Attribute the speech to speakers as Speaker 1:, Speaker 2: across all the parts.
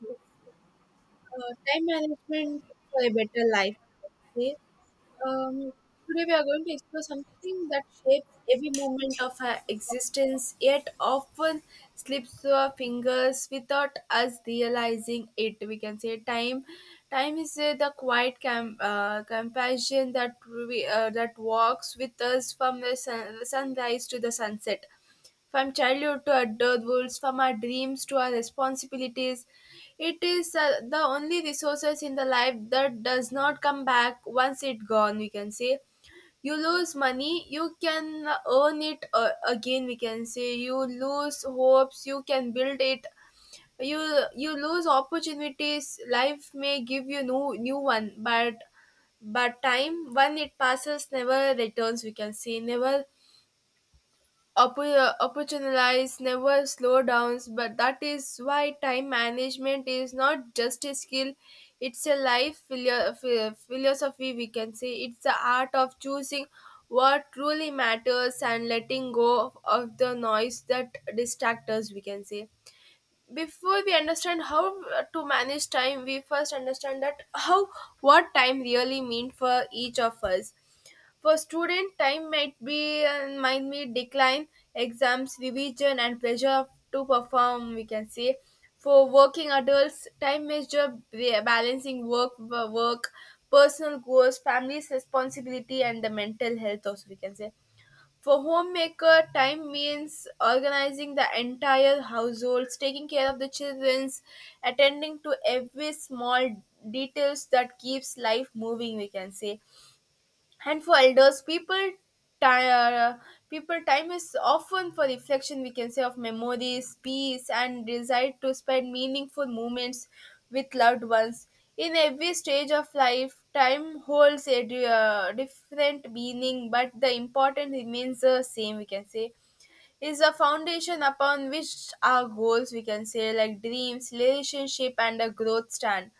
Speaker 1: Yes, time management for a better life, I would say. Um, Today we are going to explore something that shapes every moment of our existence, yet often slips through our fingers without us realizing it. We can say time. Time is the quiet companion that that walks with us from the sunrise to the sunset, from childhood to adulthood, from our dreams to our responsibilities. It is the only resources in the life that does not come back once it gone. We can say you lose money, you can earn it again. We can say you lose hopes, you can build it. You you lose opportunities. Life may give you new one, but time when it passes never returns. We can say never opportunities never slow down, but that is why time management is not just a skill, it's a life philosophy, we can say. It's the art of choosing what truly matters and letting go of the noise that distracts us, we can say. Before we understand how to manage time, we first understand that how what time really means for each of us. For student, time might be decline, exams, revision, and pressure to perform. We can say for working adults, time measure balancing work, work, personal goals, family's responsibility, and the mental health. Also, we can say for homemaker, time means organizing the entire household, taking care of the childrens, attending to every small details that keeps life moving. We can say and for elders, people, ti- uh, people time is often for reflection. We can say of memories, peace, and desire to spend meaningful moments with loved ones. In every stage of life, time holds a different meaning, but the important remains the same. We can say is a foundation upon which our goals, we can say, like dreams, relationship, and a growth stand.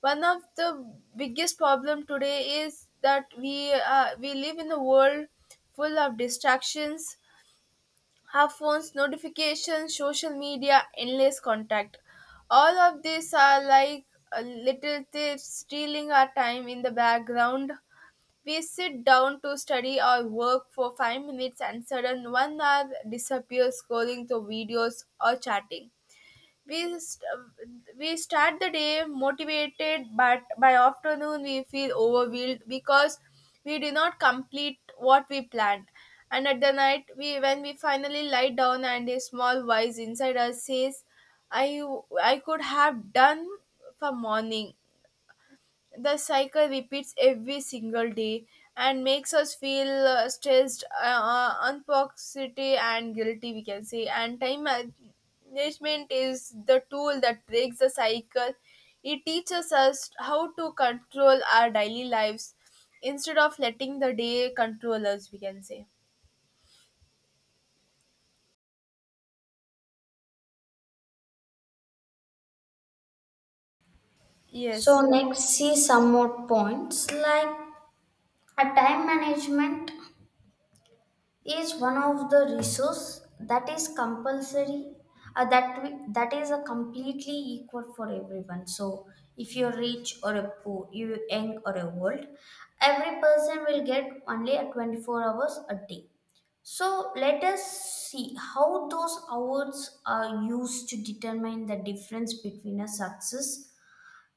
Speaker 1: One of the biggest problem today is that we live in a world full of distractions, our phones, notifications, social media, endless contact. All of these are like little thieves stealing our time in the background. We sit down to study or work for 5 minutes and sudden 1 hour disappears scrolling through videos or chatting. We start the day motivated, but by afternoon we feel overwhelmed because we did not complete what we planned. And at the night, we when we finally lie down, and a small voice inside us says, "I could have done for morning." The cycle repeats every single day and makes us feel stressed, unpoxity and guilty, we can say. And time management is the tool that breaks the cycle. It teaches us how to control our daily lives instead of letting the day control us, we can say.
Speaker 2: So
Speaker 1: Yes.
Speaker 2: next see some more points like a time management is one of the resource that is compulsory that we, that is a completely equal for everyone. So if you're rich or a poor, you young or a old, every person will get only a 24 hours a day. So let us see how those hours are used to determine the difference between a success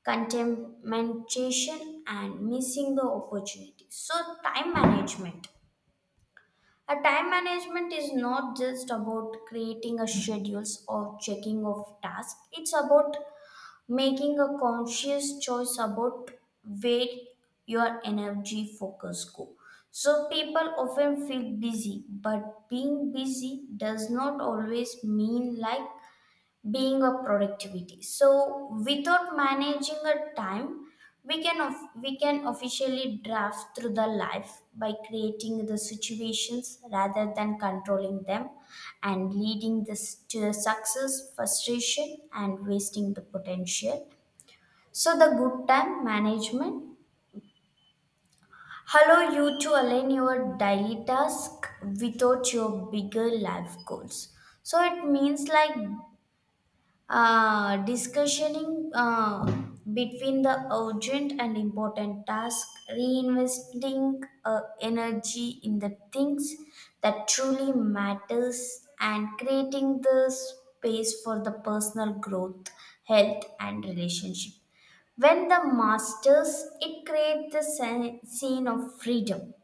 Speaker 2: contamination and missing the opportunity. So time management, a time management is not just about creating a schedules or checking of tasks. It's about making a conscious choice about where your energy focus go. So people often feel busy, but being busy does not always mean like being of productivity. So without managing a time, we can officially draft through the life by creating the situations rather than controlling them and leading this to the success frustration and wasting the potential. So the good time management allow you to align your daily task without your bigger life goals. So it means like discussioning between the urgent and important task, reinvesting energy in the things that truly matters, and creating the space for the personal growth, health, and relationship. When the masters, it creates the scene of freedom.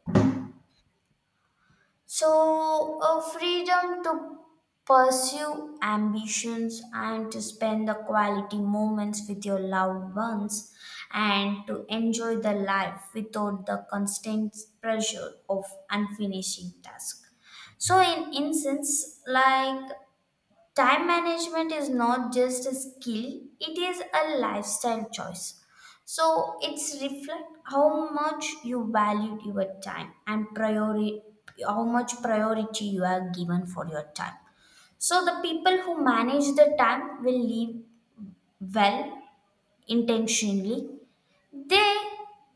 Speaker 2: So, a freedom to pursue ambitions and to spend the quality moments with your loved ones and to enjoy the life without the constant pressure of unfinishing tasks. So, in instance, like time management is not just a skill, it is a lifestyle choice. So it's reflect how much you valued your time and priority, how much priority you are given for your time. So the people who manage the time will live well intentionally. They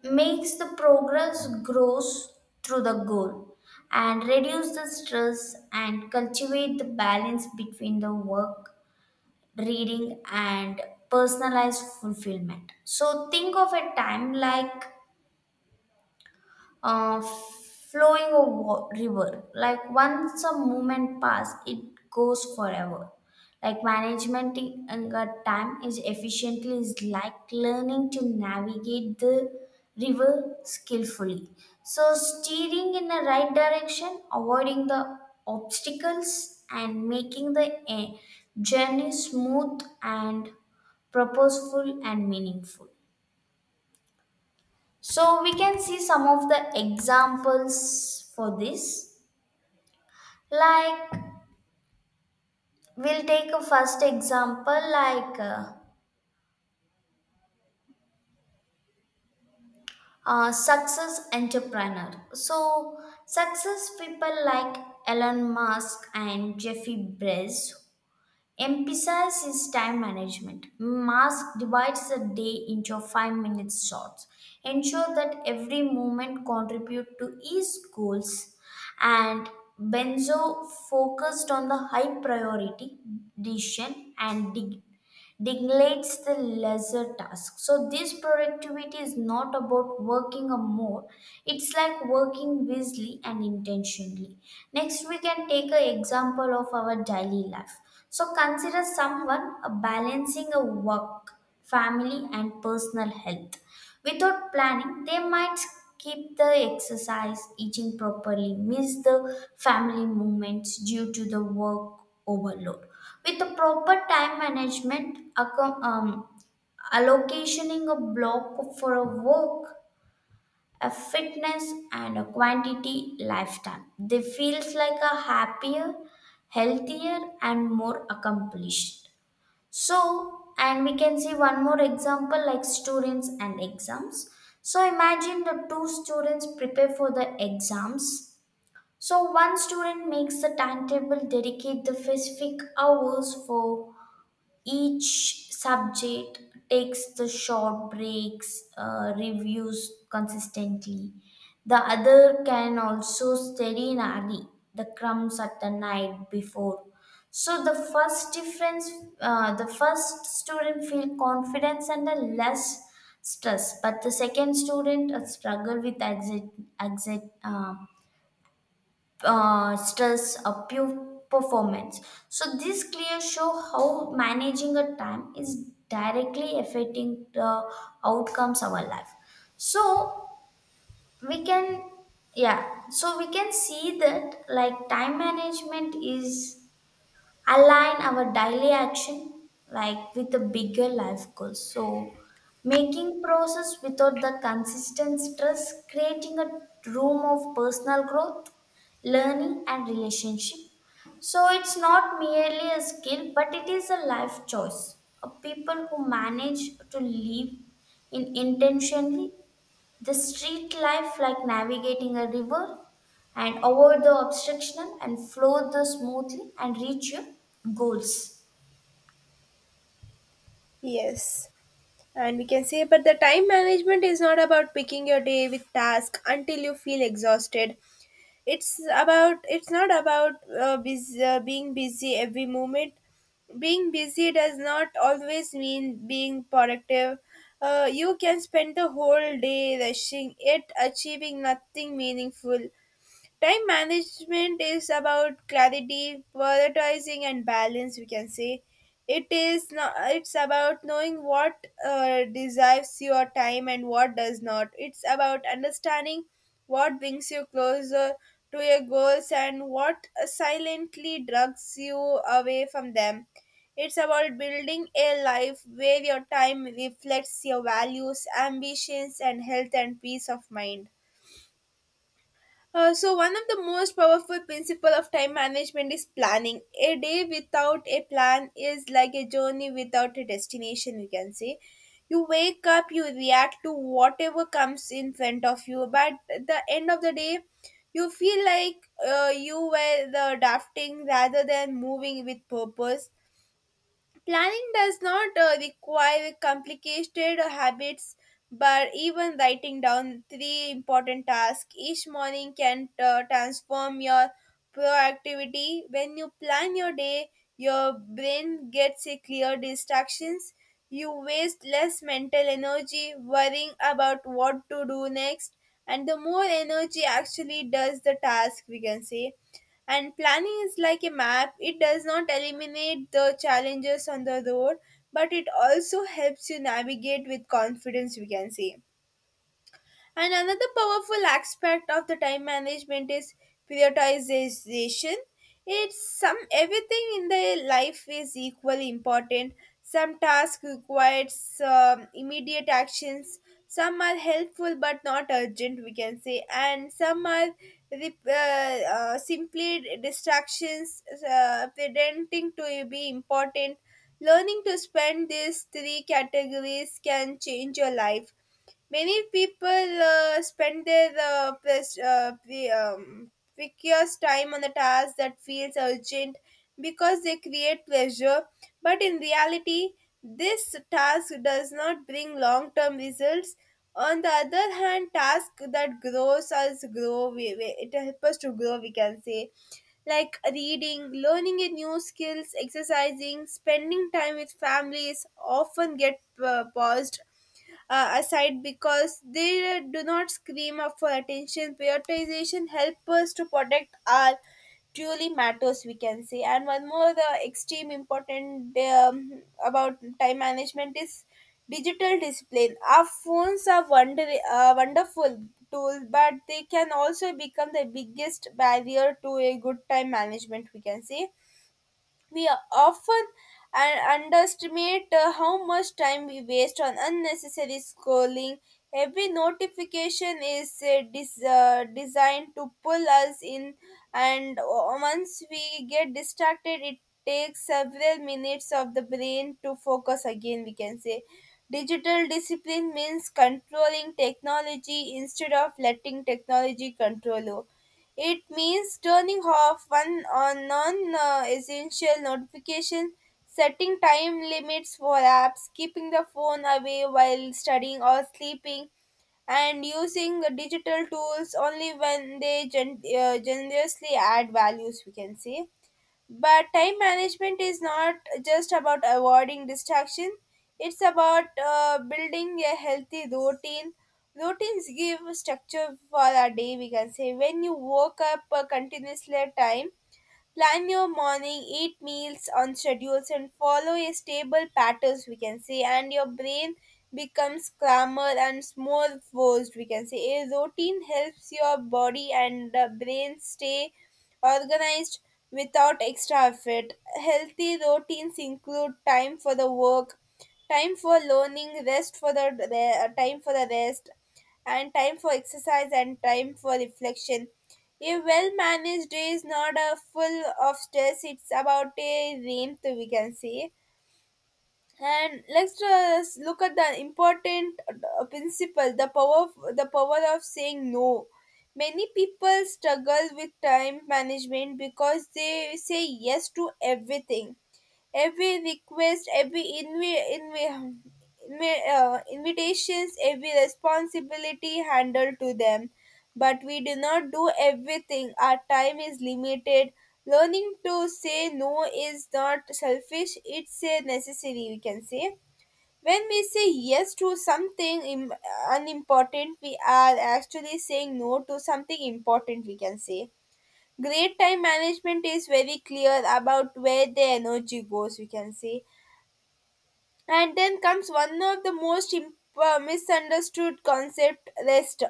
Speaker 2: makes the progress grows through the goal and reduce the stress and cultivate the balance between the work reading and personalized fulfillment. So think of a time like flowing a river. Like once a moment pass, it goes forever. Like management in a time is efficiently is like learning to navigate the river skillfully. So steering in the right direction, avoiding the obstacles, and making the journey smooth and purposeful and meaningful. So we can see some of the examples for this. Like we'll take a first example like success entrepreneur. So success people like Elon Musk and Jeffrey Bezos emphasizes time management. Mask divides the day into 5 minute shots. Ensure that every moment contribute to each goals. And Benzo focused on the high priority decision and dig neglects the lesser task. So this productivity is not about working a more. It's like working wisely and intentionally. Next, we can take an example of our daily life. So consider someone balancing a work, family, and personal health. Without planning, they might skip the exercise, eating properly, miss the family moments due to the work overload. With the proper time management, allocationing a block for a work, a fitness, and a quantity lifetime, they feels like a happier, healthier, and more accomplished. So, and we can see one more example like students and exams. So, imagine the two students prepare for the exams. So, one student makes the timetable, dedicate the specific hours for each subject, takes the short breaks, reviews consistently. The other can also study in early, the crumbs at the night before. So the first difference, the first student feel confidence and a less stress, but the second student struggle with anxiety, anxiety, uh, stress, a pure performance. So this clear show how managing a time is directly affecting the outcomes of our life. So we can yeah so we can see that like time management is align our daily action like with the bigger life goals, so making process without the consistent stress, creating a room of personal growth, learning and relationship. So it's not merely a skill but it is a life choice. A people who manage to live in intentionally the street life, like navigating a river, and avoid the obstruction and flow the smoothly and reach your goals.
Speaker 1: Yes. And we can say but the time management is not about picking your day with task until you feel exhausted. It's about it's not about bus being busy every moment. Being busy does not always mean being productive. You can spend the whole day rushing yet achieving nothing meaningful. Time management is about clarity, prioritizing, and balance. We can say it is not. It's about knowing what deserves your time and what does not. It's about understanding what brings you closer to your goals and what silently drugs you away from them. It's about building a life where your time reflects your values, ambitions, and health and peace of mind. So one of the most powerful principle of time management is planning. A day without a plan is like a journey without a destination, we can say. You wake up, you react to whatever comes in front of you, but at the end of the day, you feel like you were the drafting rather than moving with purpose. Planning does not require complicated habits, but even writing down three important tasks each morning can transform your proactivity. When you plan your day, your brain gets a clear distractions. You waste less mental energy worrying about what to do next, and the more energy actually does the task, we can say. And planning is like a map, it does not eliminate the challenges on the road, but it also helps you navigate with confidence, we can say. And another powerful aspect of the time management is prioritization. It's some everything in the life is equally important. Some tasks require immediate actions. Some are helpful but not urgent, we can say, and some are simply distractions, pretending to be important. Learning to spend these three categories can change your life. Many people spend their precious time on the task that feels urgent because they create pleasure, but in reality, this task does not bring long term results. On the other hand, task that grows us grow, it helps us to grow, we can say, like reading, learning a new skills, exercising, spending time with families often get paused aside because they do not scream up for attention. Prioritization helps us to protect our truly matters, we can say. And one more the extreme important about time management is digital discipline. Our phones are wonderful tool but they can also become the biggest barrier to a good time management, we can say. We often underestimate how much time we waste on unnecessary scrolling. Every notification is designed to pull us in, and once we get distracted, it takes several minutes of the brain to focus again, we can say. Digital discipline means controlling technology instead of letting technology control you. It means turning off one or non-essential notifications, setting time limits for apps, keeping the phone away while studying or sleeping, and using the digital tools only when they generously add values, we can say. But time management is not just about avoiding distraction, it's about building a healthy routine. Routines give structure for our day, we can say. When you work up a continuously at time, plan your morning, eat meals on schedules and follow a stable patterns, we can say, and your brain becomes calmer and more focused, we can say. A routine helps your body and the brain stay organized without extra effort. Healthy routines include time for the work, time for learning rest for the time for the rest, and time for exercise and time for reflection. A well managed day is not a full of stress, it's about a rhythm, we can say. And let's just look at the important principle, the power of saying no. Many people struggle with time management because they say yes to everything, every request, every invitations, every responsibility handled to them, but we do not do everything. Our time is limited. Learning to say no is not selfish, it's a necessary, we can say. When we say yes to something unimportant, we are actually saying no to something important, we can say. Great time management is very clear about where the energy goes, we can say. And then comes one of the most misunderstood concept rest.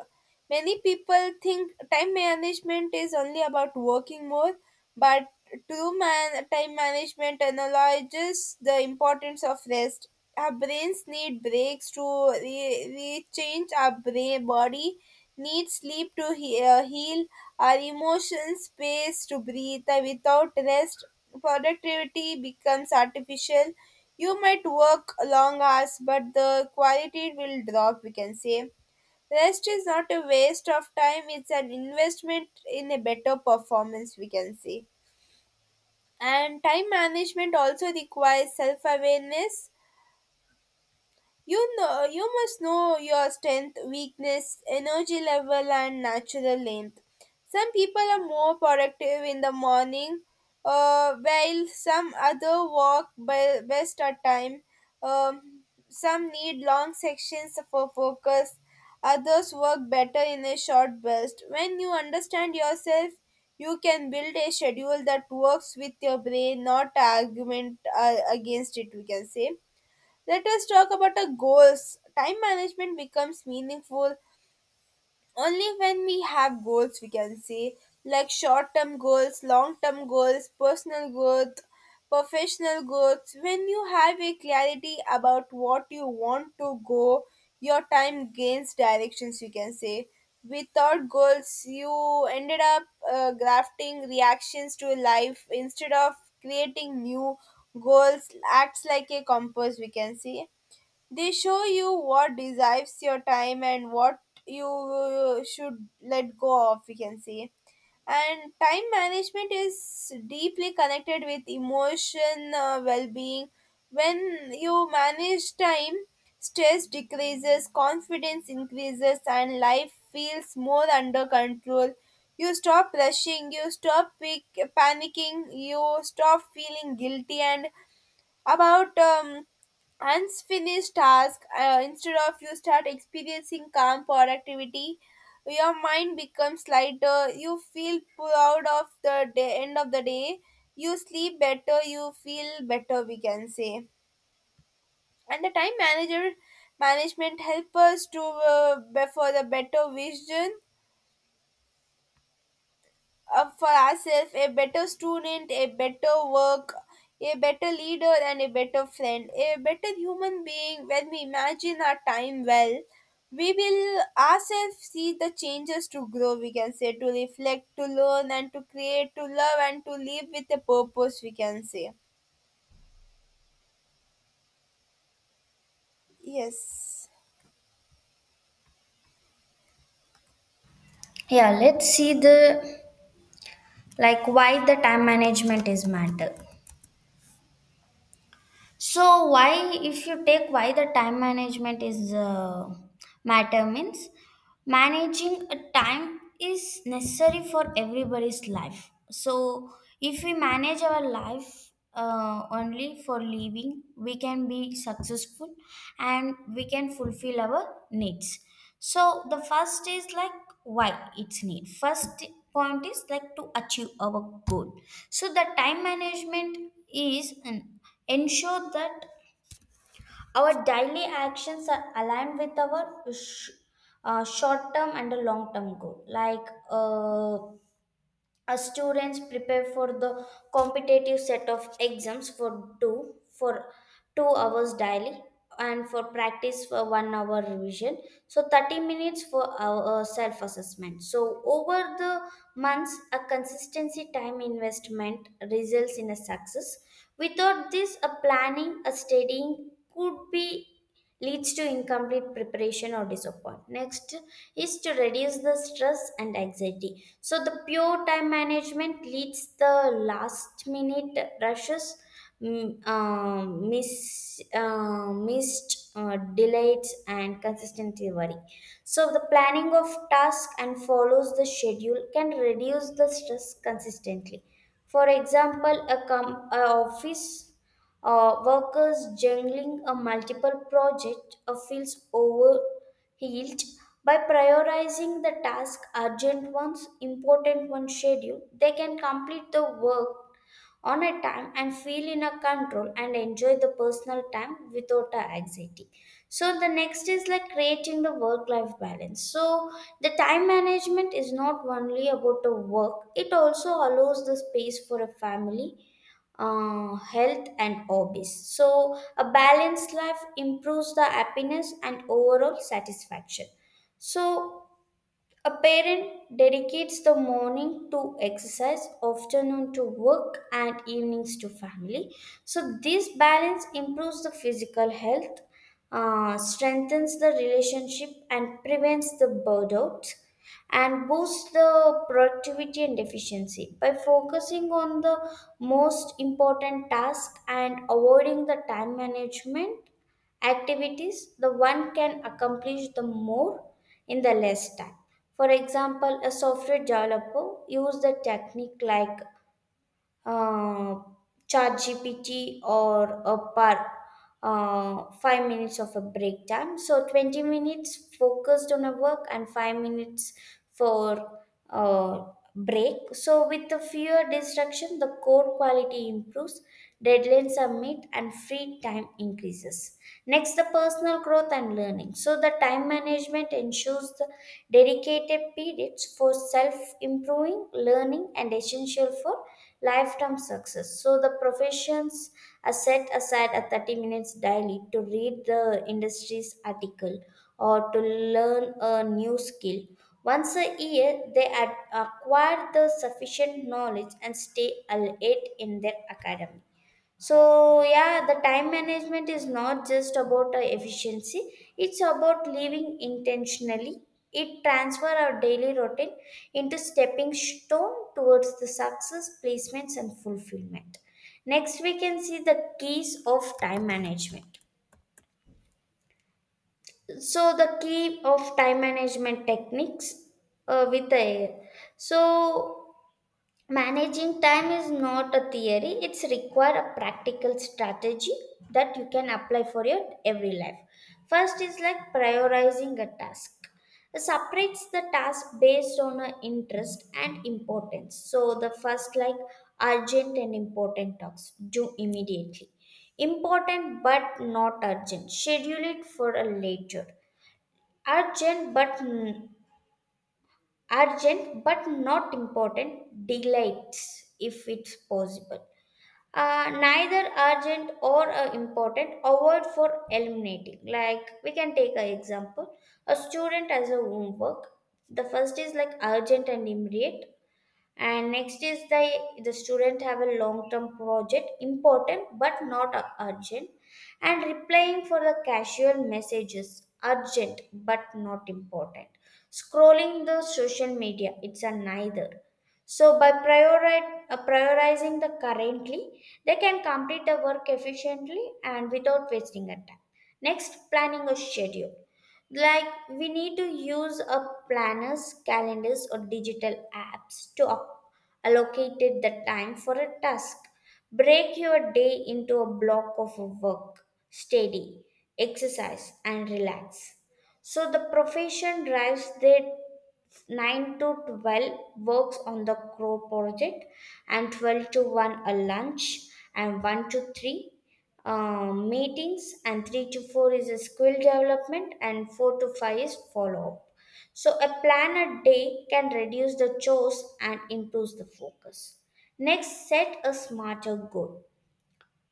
Speaker 1: Many people think time management is only about working more, but time management analyzes the importance of rest. Our brains need breaks to re- rechange our brain, body needs sleep to heal, our emotions space to breathe. Without rest, productivity becomes artificial. You might work long hours, but the quality will drop, we can say. Rest is not a waste of time, it's an investment in a better performance, we can say. And time management also requires self awareness. You know, you must know your strength, weakness, energy level, and natural length. Some people are more productive in the morning, while some other work best at time. Um, some need long sections for focus. Others work better in a short burst. When you understand yourself, you can build a schedule that works with your brain, not argument against it, we can say. Let us talk about our goals. Time management becomes meaningful only when we have goals, we can say, like short term goals, long term goals, personal growth, professional growth. When you have a clarity about what you want to go, your time gains directions, you can say. Without goals, you ended up grafting reactions to life instead of creating new goals, acts like a compass, we can say. They show you what deserves your time and what you should let go of, we can say. And time management is deeply connected with emotion well being. When you manage time, stress decreases, confidence increases, and life feels more under control. You stop rushing, you stop panicking, you stop feeling guilty, and about unfinished task instead of you start experiencing calm productivity. Your mind becomes lighter, you feel proud of the day, end of the day you sleep better, you feel better, we can say. And the time manager management help us to for the better vision, for ourselves, a better student, a better work, a better leader, and a better friend, a better human being. When we imagine our time well, we will ourselves see the changes to grow, we can say, to reflect, to learn, and to create, to love, and to live with a purpose, we can say. Yes.
Speaker 2: Yeah, let's see the like why the time management is matter. So why if you take why the time management is matter means managing a time is necessary for everybody's life. So if we manage our life only for living, we can be successful and we can fulfill our needs. So the first is like why it's need. First point is like to achieve our goal. So the time management is an ensure that our daily actions are aligned with our short term and long term goal. Like, uh, as students prepare for the competitive set of exams for 2 hours daily and for practice for one hour revision, so 30 minutes for our self assessment. So over the months a consistency time investment results in a success. Without this a planning, a studying could be leads to incomplete preparation or disappointment. Next is to reduce the stress and anxiety. So the pure time management leads the last minute rushes, missed delays and consistently worry. So the planning of task and follows the schedule can reduce the stress consistently. For example, a office workers juggling a multiple project feels overwhelmed. By prioritizing the task, urgent ones, important ones schedule, they can complete the work on a time and feel in a control and enjoy the personal time without a anxiety. So the next is like creating the work life balance. So the time management is not only about the work, it also allows the space for a family, health and hobbies. So a balanced life improves the happiness and overall satisfaction. So a parent dedicates the morning to exercise, afternoon to work, and evenings to family. So, this balance improves the physical health, strengthens the relationship, and prevents the burnout, and boosts the productivity and efficiency. By focusing on the most important task and avoiding the time management activities, the one can accomplish the more in the less time. For example, a software developer use the technique like uh, chat gpt or a par 5 minutes of a break time. So 20 minutes focused on a work and 5 minutes for uh, break. So with the fewer distraction, the code quality improves, deadlines are met and free time increases. Next, the personal growth and learning. So the time management ensures the dedicated periods for self improving learning and essential for lifetime success. So the professions are set aside a 30 minutes daily to read the industry's article or to learn a new skill. Once a year, they acquire the sufficient knowledge and stay elite in their academy. So, yeah, the time management is not just about efficiency, it's about living intentionally. It transfer our daily routine into stepping stone towards the success, placements, and fulfillment. Next, we can see the keys of time management. So, the key of time management techniques with the air. So, managing time is not a theory, it's require a practical strategy that you can apply for your every life. First is like prioritizing a task. Separates the task based on a interest and importance. So the first like urgent and important tasks, do immediately. Important but not urgent, schedule it for a later. Urgent but n- Urgent but not important, delights if it's possible. Neither urgent or important, avoid for eliminating. Like we can take an example, a student has a homework. The first is like urgent and immediate. And next is the student have a long term project, important but not urgent. And replying for the casual messages, urgent but not important. Scrolling the social media, it's a neither. So by prioritizing the currently, they can complete the work efficiently and without wasting a time. Next, planning a schedule. Like we need to use a planners, calendars, or digital apps to allocate it the time for a task. Break your day into a block of work, study, exercise, and relax. So the profession drives their 9 to 12 works on the crow project and 12 to 1 a lunch and 1 to 3 meetings and 3 to 4 is a skill development and 4 to 5 is follow-up. So a plan a day can reduce the chores and improves the focus. Next, set a smarter goal.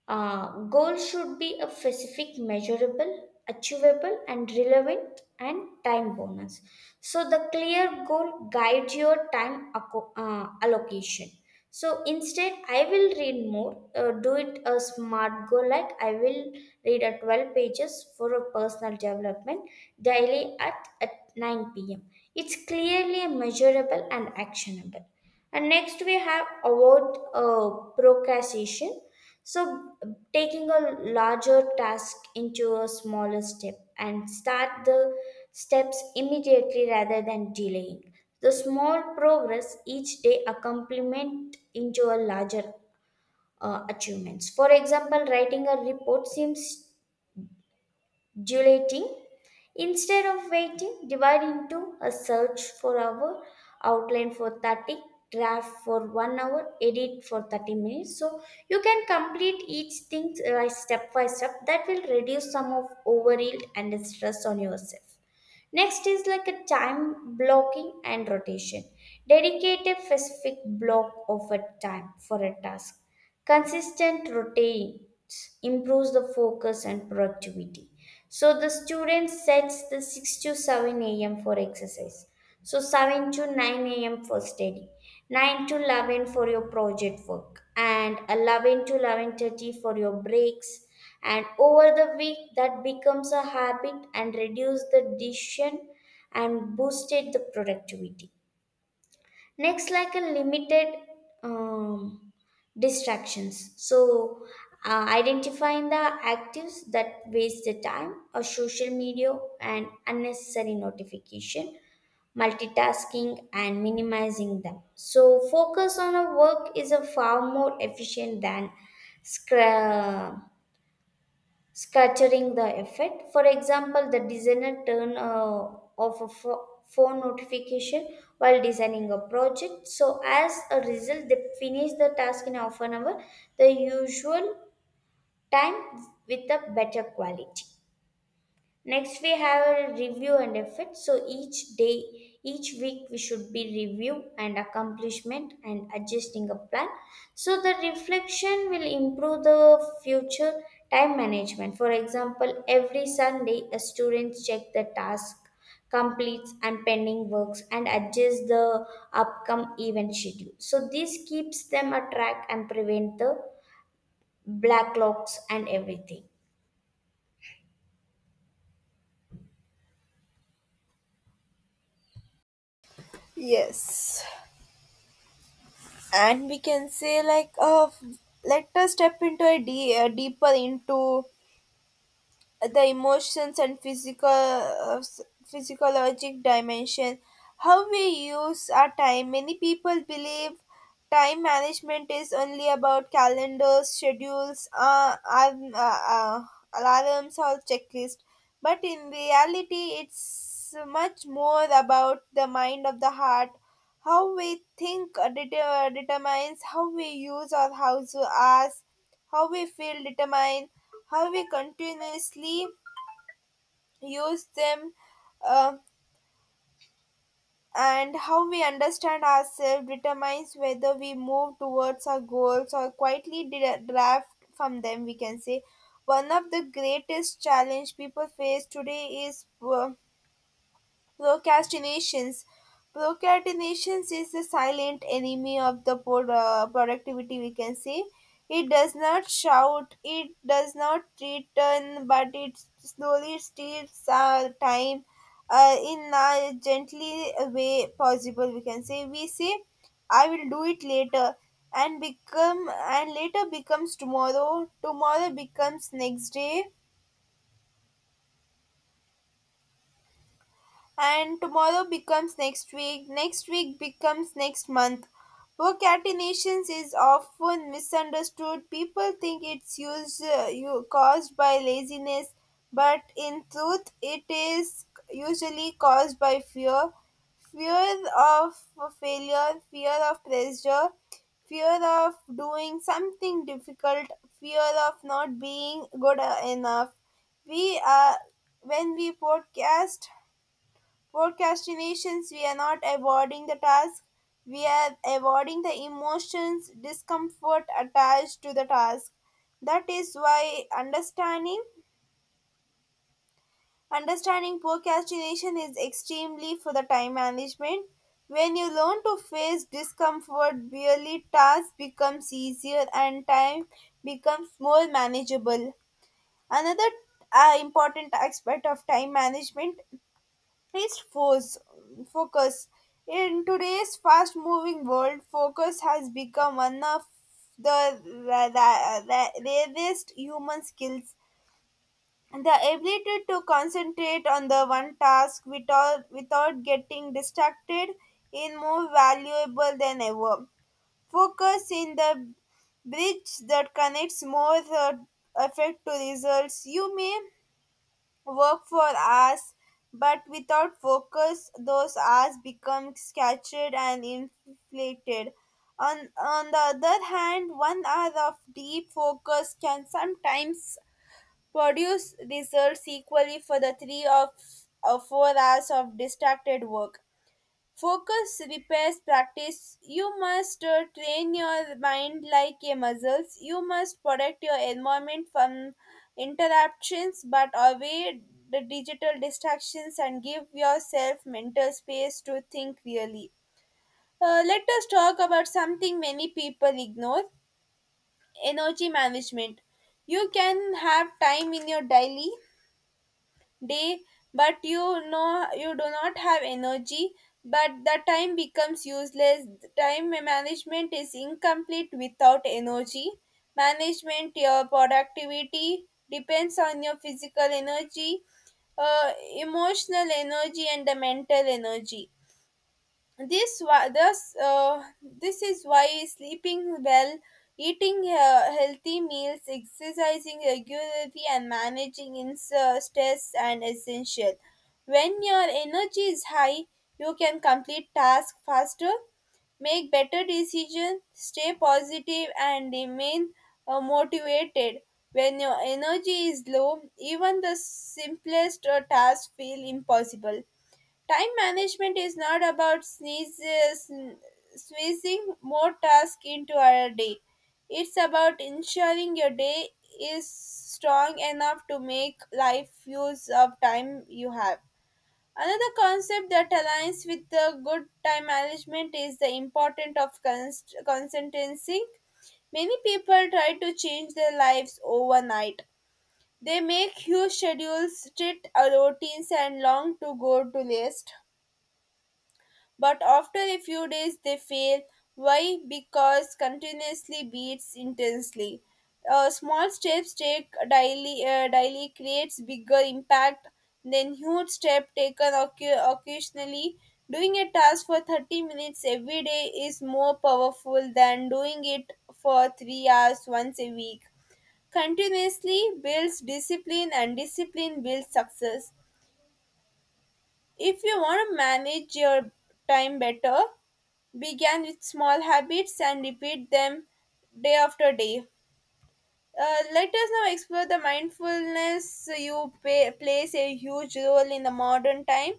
Speaker 2: Goals should be a specific, measurable, achievable, and relevant and time bonus. So the clear goal guides your time allocation. So instead, I will read more. Do it a smart goal like I will read a 12 pages for a personal development daily at 9 p.m. It's clearly measurable and actionable. And next we have avoid procrastination. So, taking a larger task into a smaller step and start the steps immediately rather than delaying. The small progress each day accompaniment into a larger achievements. For example, writing a report seems dilating, instead of waiting, divide into a search for hour, outline for 30, draft for 1 hour, edit for 30 minutes. So you can complete each thing step by step. That will reduce some of overyield and stress on yourself. Next is like a time blocking and rotation. Dedicate a specific block of a time for a task. Consistent rotates improves the focus and productivity. So the student sets the 6 to 7 a.m. for exercise. So 7 to 9 a.m. for study. 9 to 11 for your project work and 11 to 11:30 for your breaks, and over the week that becomes a habit and reduce the decision and boosted the productivity. Next, like a limited um, distractions. So identifying the actives that waste the time or social media and unnecessary notification, multitasking, and minimizing them. So, focus on a work is a far more efficient than scra- scattering the effort. For example, the designer turn off a phone notification while designing a project. So, as a result, they finish the task in half an hour, the usual time, with a better quality. Next, we have a review and effort. So each day, each week, we should be review and accomplishment and adjusting a plan. So the reflection will improve the future time management. For example, every Sunday, a student check the task completes and pending works and adjust the upcome event schedule. So this keeps them a track and prevent the blacklogs and everything.
Speaker 1: Yes. And we can say, like, let us step into a deeper into the emotions and physical physiologic dimension how we use our time. Many people believe time management is only about calendars, schedules, alarms or checklist, but in reality it's much more about the mind of the heart. How we think determines how we use our house hours, how we feel determine how we continuously use them, uh, and how we understand ourselves determines whether we move towards our goals or quietly draft from them, we can say. One of the greatest challenge people face today is procrastinations. Procrastinations is the silent enemy of the productivity, we can say. It does not shout, it does not return, but it slowly steals our time in a gently way possible. We can say we say, "I will do it later," and become and later becomes tomorrow. Tomorrow becomes next day and tomorrow becomes next week becomes next month. Procrastination is often misunderstood. People think it's used, caused by laziness, but in truth, it is usually caused by fear. Fear of failure, fear of pressure, fear of doing something difficult, fear of not being good enough. We are when we podcast procrastinations, we are not avoiding the task, we are avoiding the emotions, discomfort attached to the task. That is why understanding procrastination is extremely for the time management. When you learn to face discomfort, barely task becomes easier and time becomes more manageable. Another important aspect of time management: increased force, focus. In today's fast moving world, focus has become one of the rarest human skills. The ability to concentrate on the one task without getting distracted is more valuable than ever. Focus in the bridge that connects more effect to results. You may work for hours, but without focus, those hours become scattered and inflated. On the other hand, 1 hour of deep focus can sometimes produce results equally for the three of or 4 hours of distracted work. Focus repairs practice. You must train your mind like a muscles. You must protect your environment from interruptions, but avoid the digital distractions and give yourself mental space to think really. Let us talk about something many people ignore: energy management. You can have time in your daily day, but you know you do not have energy, but the time becomes useless. Time management is incomplete without energy management. Your productivity depends on your physical energy, uh, emotional energy, and the mental energy. This this is why sleeping well, eating healthy meals, exercising regularly, and managing stress and essential. When your energy is high, you can complete tasks faster, make better decisions, stay positive, and remain motivated. When your energy is low, even the simplest tasks feel impossible. Time management is not about squeezing more tasks into our day. It's about ensuring your day is strong enough to make life use of time you have. Another concept that aligns with the good time management is the importance of consistency. Many people try to change their lives overnight. They make huge schedules, strict routines, and long to go to list, but after a few days, they fail. Why? Because continuously beats intensely. Small steps take daily creates bigger impact than huge step taken occasionally. Doing a task for 30 minutes every day is more powerful than doing it for 3 hours once a week. Continuously builds discipline and discipline builds success. If you want to manage your time better, begin with small habits and repeat them day after day. Let us now explore the mindfulness you plays a huge role in the modern time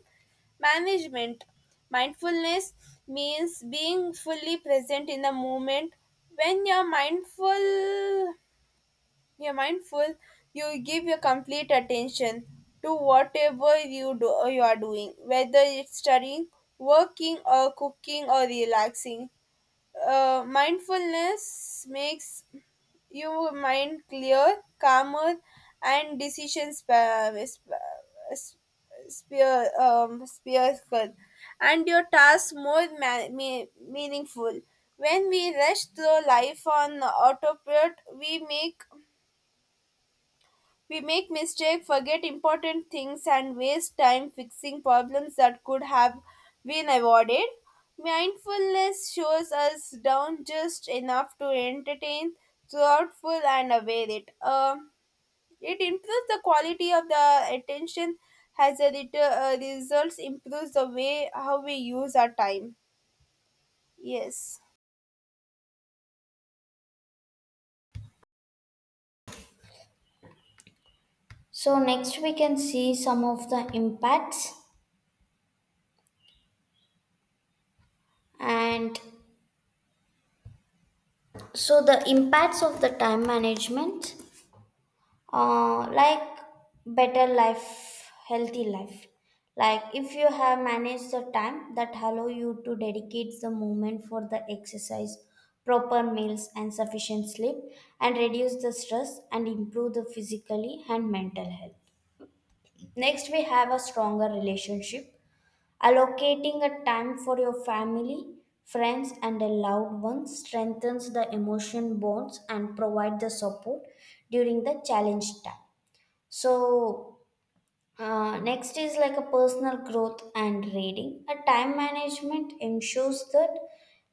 Speaker 1: management. Mindfulness means being fully present in the moment. When you're mindful, you're mindful, you give your complete attention to whatever you are doing, whether it's studying, working or cooking or relaxing. Mindfulness makes your mind clear, calmer, and decision spear, spherical, and your tasks more meaningful. When we rush through life on autopilot, we make mistakes, forget important things, and waste time fixing problems that could have been avoided. Mindfulness shows us down just enough to entertain, thoughtful, and aware it. It improves the quality of the attention, has a little results, improves the way how we use our time. Yes.
Speaker 2: So next we can see some of the impacts, and so the impacts of the time management, like better life, healthy life. Like if you have managed the time that allow you to dedicate the moment for the exercise, proper meals, and sufficient sleep, and reduce the stress and improve the physically and mental health. Next, we have a stronger relationship. Allocating a time for your family, friends, and a loved ones strengthens the emotion bonds and provide the support during the challenge time. So, next is like a personal growth and reading. A time management ensures that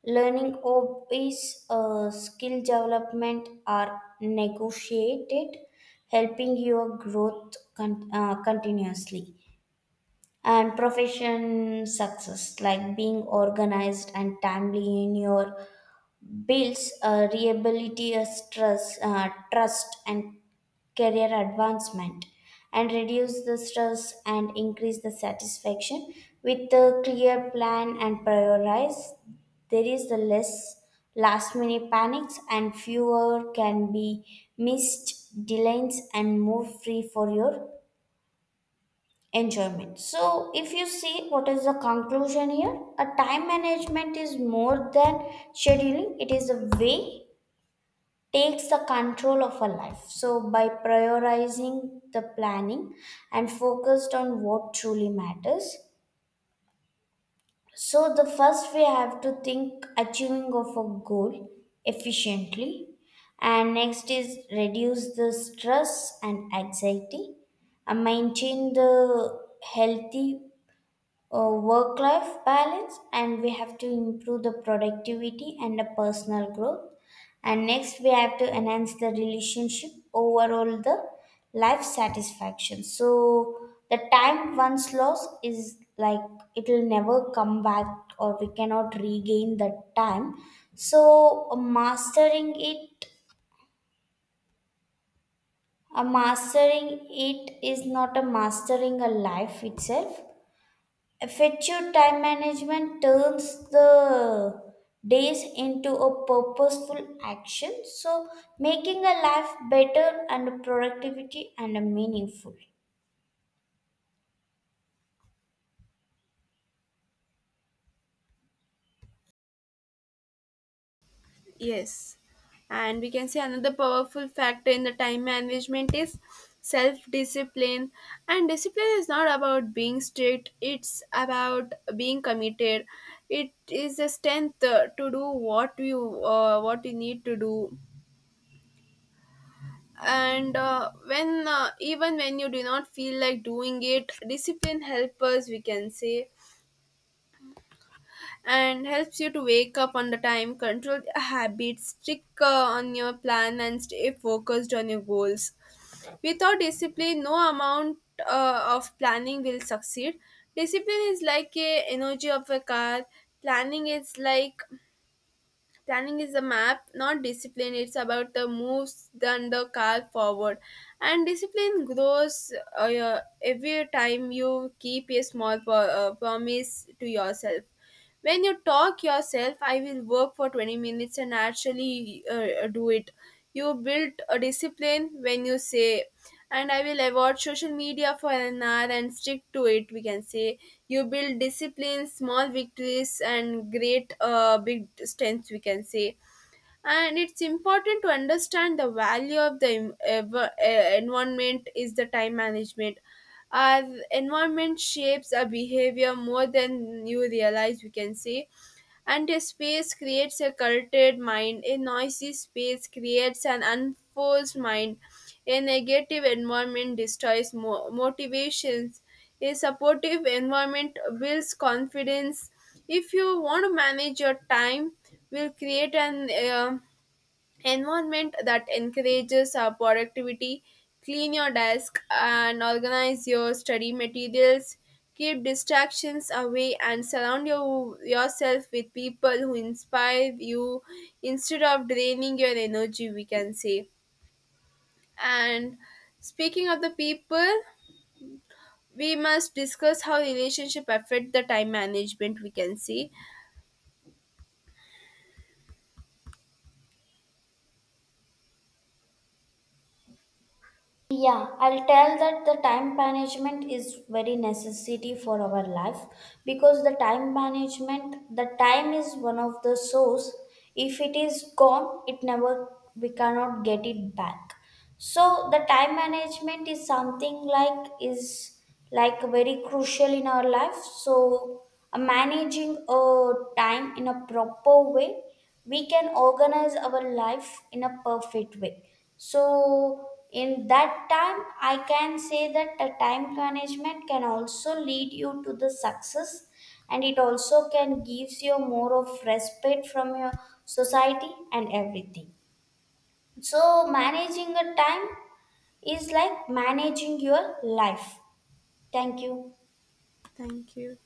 Speaker 2: learning, hobbies, skill development are negotiated, helping your growth continuously, and profession success like being organized and timely in your bills, reliability, stress, trust, and career advancement, and reduce the stress and increase the satisfaction. With a clear plan and prioritize, there is the less last minute panics and fewer can be missed deadlines and more free for your enjoyment. So if you see what is the conclusion here, a time management is more than scheduling. It is a way takes the control of a life. So by prioritizing the planning and focused on what truly matters, so the first we have to think achieving of a goal efficiently. And next is reduce the stress and anxiety and maintain the healthy work life balance. And we have to improve the productivity and the personal growth. And next we have to enhance the relationship, overall the life satisfaction. So the time once lost is like, it will never come back, or we cannot regain that time. So mastering it, a mastering it is not a mastering a life itself. Effective time management turns the days into a purposeful action, so making a life better and productivity and meaningful.
Speaker 1: Yes. And we can say another powerful factor in the time management is self discipline. And discipline is not about being strict, it's about being committed. It is a strength to do what you need to do. And When even when you do not feel like doing it, discipline helps us, we can say, and helps you to wake up on the time, control your habits, stick on your plan, and stay focused on your goals. Without discipline, no amount of planning will succeed. Discipline is like a energy of a car. Planning is like Planning is a map, not discipline. It's about the moves than the car forward. And discipline grows every time you keep a small promise to yourself. When you talk yourself, I will work for 20 minutes and actually do it. You build a discipline when you say, and I will avoid social media for an hour and stick to it, we can say. You build discipline, small victories, and great big strengths, we can say. And it's important to understand the value of the environment is the time management. Our environment shapes our behavior more than you realize, we can say. And a space creates a cultured mind. A noisy space creates an unforced mind. A negative environment destroys motivations. A supportive environment builds confidence. If you want to manage your time, will create an environment that encourages productivity. Clean your desk and organize your study materials, keep distractions away and surround yourself with people who inspire you instead of draining your energy, we can say. And speaking of the people, we must discuss how relationship affect the time management we can see.
Speaker 2: Yeah, I'll tell that the time management is very necessity for our life, because the time management, the time is one of the source. If it is gone, it never, we cannot get it back. So the time management is something like, is like very crucial in our life. So managing a time in a proper way, we can organize our life in a perfect way. So in that time, I can say that the time management can also lead you to the success, and it also can gives you more of respect from your society and everything. So managing a time is like managing your life. Thank you.
Speaker 1: Thank you.